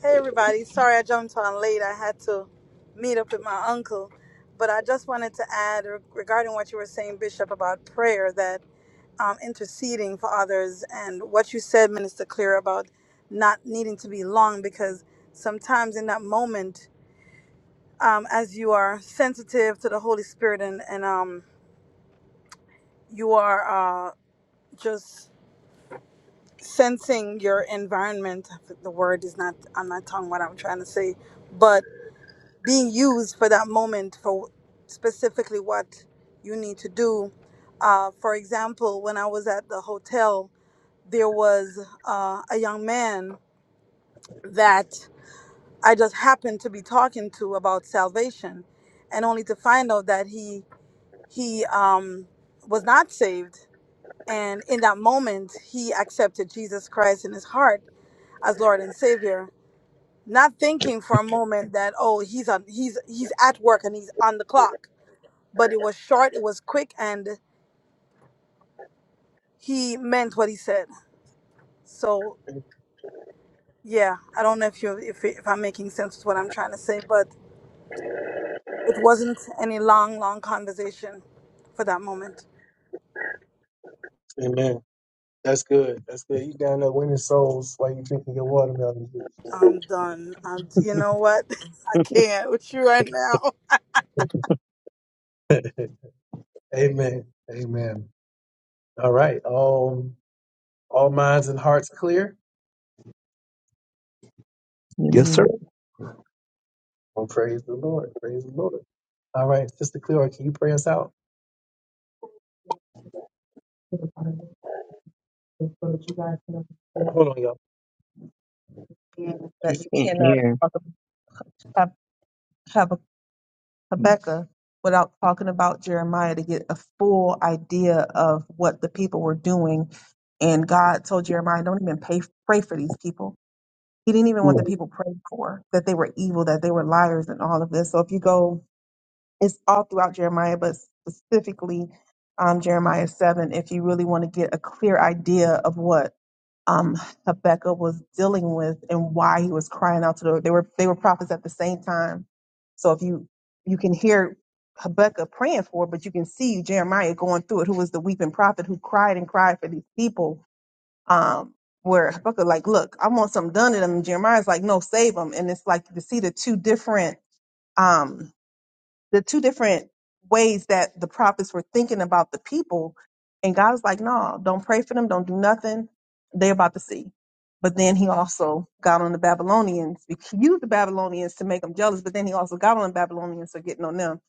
[SPEAKER 5] hey, everybody. Sorry I jumped on late. I had to meet up with my uncle. But I just wanted to add re- regarding what you were saying, Bishop, about prayer, that um, interceding for others, and what you said, Minister Clear, about not needing to be long, because sometimes in that moment, um, as you are sensitive to the Holy Spirit and, and um, you are uh, just sensing your environment, the word is not on my tongue what I'm trying to say, but. being used for that moment for specifically what you need to do. Uh, for example, when I was at the hotel, there was uh, a young man that I just happened to be talking to about salvation, and only to find out that he he um, was not saved. And in that moment, he accepted Jesus Christ in his heart as Lord and Savior, not thinking for a moment that oh he's on he's he's at work and he's on the clock but it was short, it was quick, and he meant what he said. So
[SPEAKER 1] okay.
[SPEAKER 5] yeah, I don't know if you if if I'm making sense with what I'm trying to say, but it wasn't any long, long conversation for that moment.
[SPEAKER 1] amen. That's good. That's good. You down there winning souls while you drinking your watermelon juice.
[SPEAKER 5] I'm done. I'm, you know what? I can't with you right now.
[SPEAKER 1] amen. Amen. All right. Um, all minds and hearts clear.
[SPEAKER 2] Yes, sir.
[SPEAKER 3] Amen.
[SPEAKER 1] Well, praise the Lord. Praise the Lord. All right, Sister Cleora, can you pray us out? Hold on, y'all. That you
[SPEAKER 3] Can't
[SPEAKER 1] cannot
[SPEAKER 3] hear.
[SPEAKER 1] talk ab- have, have a Habakkuk without talking about Jeremiah to get a full idea of what the people were doing. And God told Jeremiah, don't even pay, pray for these people. He didn't even want the
[SPEAKER 2] Mm.
[SPEAKER 1] people prayed for, that they were evil, that they were liars, and all of this. So if you go It's all throughout Jeremiah, but specifically um, Jeremiah 7, if you really want to get a clear idea of what um, Habakkuk was dealing with and why he was crying out to the Lord. they were they were prophets at the same time. So if you you can hear Habakkuk praying for it, but you can see Jeremiah going through it, who was the weeping prophet who cried and cried for these people. Um, where Habakkuk like, look, I want something done to them. And Jeremiah's like, no, save them. And it's like you can see the two different. Um, the two different ways that the prophets were thinking about the people. And God was like, no, don't pray for them. Don't do nothing. They're about to see. But then he also got on the Babylonians. He used the Babylonians to make them jealous, but then he also got on the Babylonians for getting on them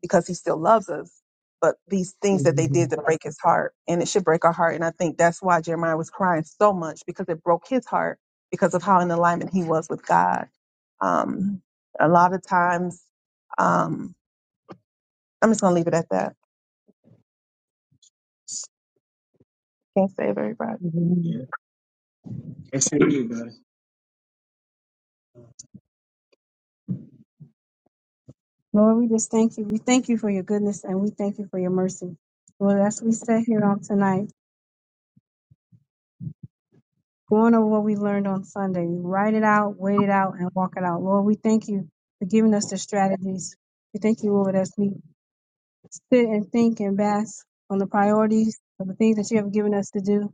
[SPEAKER 1] because he still loves us. But these things that they did
[SPEAKER 3] Amen.
[SPEAKER 1] to break his heart, and it should break our heart. And I think that's why Jeremiah was crying so much because it broke his heart because of how in alignment he was with God. Um, a lot of times, um, I'm just gonna leave it at that. Can't save everybody.
[SPEAKER 3] Amen.
[SPEAKER 1] Yeah. It's in you, guys. Lord, we just thank you. We thank you for your goodness and we thank you for your mercy. Lord, as we sit here on tonight, going over what we learned on Sunday, write it out, wait it out, and walk it out. Lord, we thank you for giving us the strategies. We thank you, Lord, as we sit and think and bask on the priorities of the things that you have given us to do.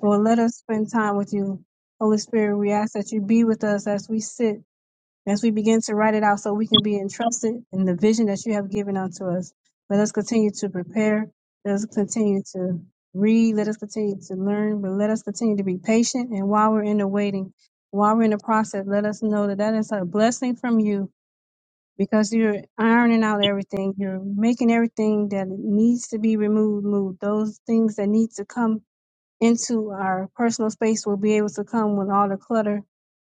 [SPEAKER 1] Lord, let us spend time with you. Holy Spirit, we ask that you be with us as we sit As we begin to write it out so we can be entrusted in the vision that you have given unto us, let us continue to prepare. Let us continue to read. Let us continue to learn, but let us continue to be patient. And while we're in the waiting, while we're in the process, let us know that that is a blessing from you because you're ironing out everything. You're making everything that needs to be removed, moved. Those things that need to come into our personal space will be able to come with all the clutter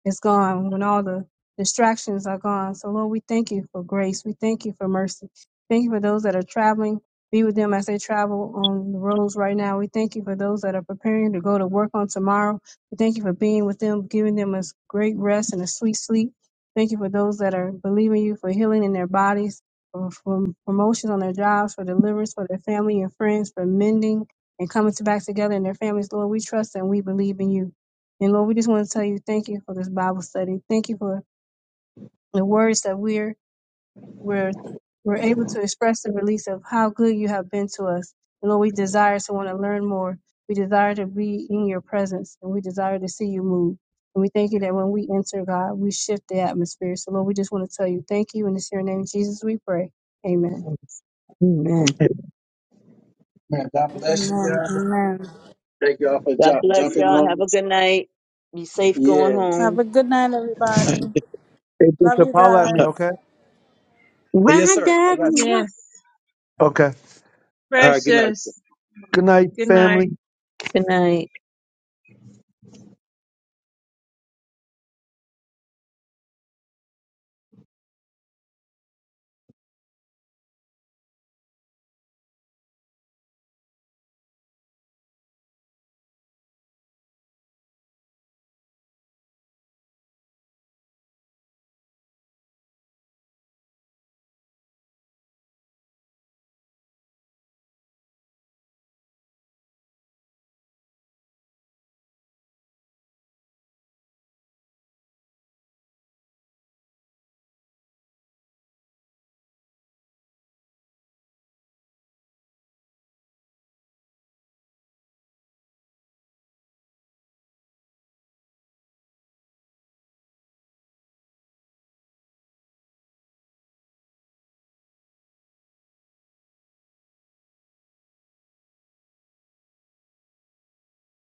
[SPEAKER 1] it's gone when all the distractions are gone. So, Lord, we thank you for grace. We thank you for mercy. Thank you for those that are traveling. Be with them as they travel on the roads right now. We thank you for those that are preparing to go to work on tomorrow. We thank you for being with them, giving them a great rest and a sweet sleep. Thank you for those that are believing you for healing in their bodies, for, for promotions on their jobs, for deliverance for their family and friends, for mending and coming to back together in their families. Lord, we trust and we believe in you. And Lord, we just want to tell you thank you for this Bible study. Thank you for the words that we're we're we're able to express the release of how good you have been to us. And Lord, we desire to want to learn more. We desire to be in your presence and we desire to see you move. And we thank you that when we enter, God, we shift the atmosphere. So Lord, we just want to tell you thank you. And it's your name, Jesus, we pray. Amen.
[SPEAKER 3] Amen.
[SPEAKER 2] Hey,
[SPEAKER 1] Man, God bless you
[SPEAKER 5] Amen.
[SPEAKER 1] guys.
[SPEAKER 5] Amen.
[SPEAKER 1] Thank y'all for
[SPEAKER 3] God
[SPEAKER 1] ju-
[SPEAKER 3] bless
[SPEAKER 1] jumping
[SPEAKER 3] y'all.
[SPEAKER 1] on.
[SPEAKER 3] Have a
[SPEAKER 1] us.
[SPEAKER 3] good night. Be safe going
[SPEAKER 1] Yes.
[SPEAKER 5] Have
[SPEAKER 3] home.
[SPEAKER 5] a good night, everybody.
[SPEAKER 2] hey,
[SPEAKER 5] Love
[SPEAKER 2] Bishop,
[SPEAKER 5] you
[SPEAKER 2] holla at me,
[SPEAKER 1] oh,
[SPEAKER 5] guys.
[SPEAKER 2] okay?
[SPEAKER 1] yes,
[SPEAKER 3] Ride
[SPEAKER 1] sir. I
[SPEAKER 3] that.
[SPEAKER 1] got you.
[SPEAKER 3] Mwah.
[SPEAKER 4] Yes.
[SPEAKER 2] Okay.
[SPEAKER 1] All right. Good night.
[SPEAKER 4] Precious.
[SPEAKER 2] Good night,
[SPEAKER 4] Good night.
[SPEAKER 2] family.
[SPEAKER 3] Good night.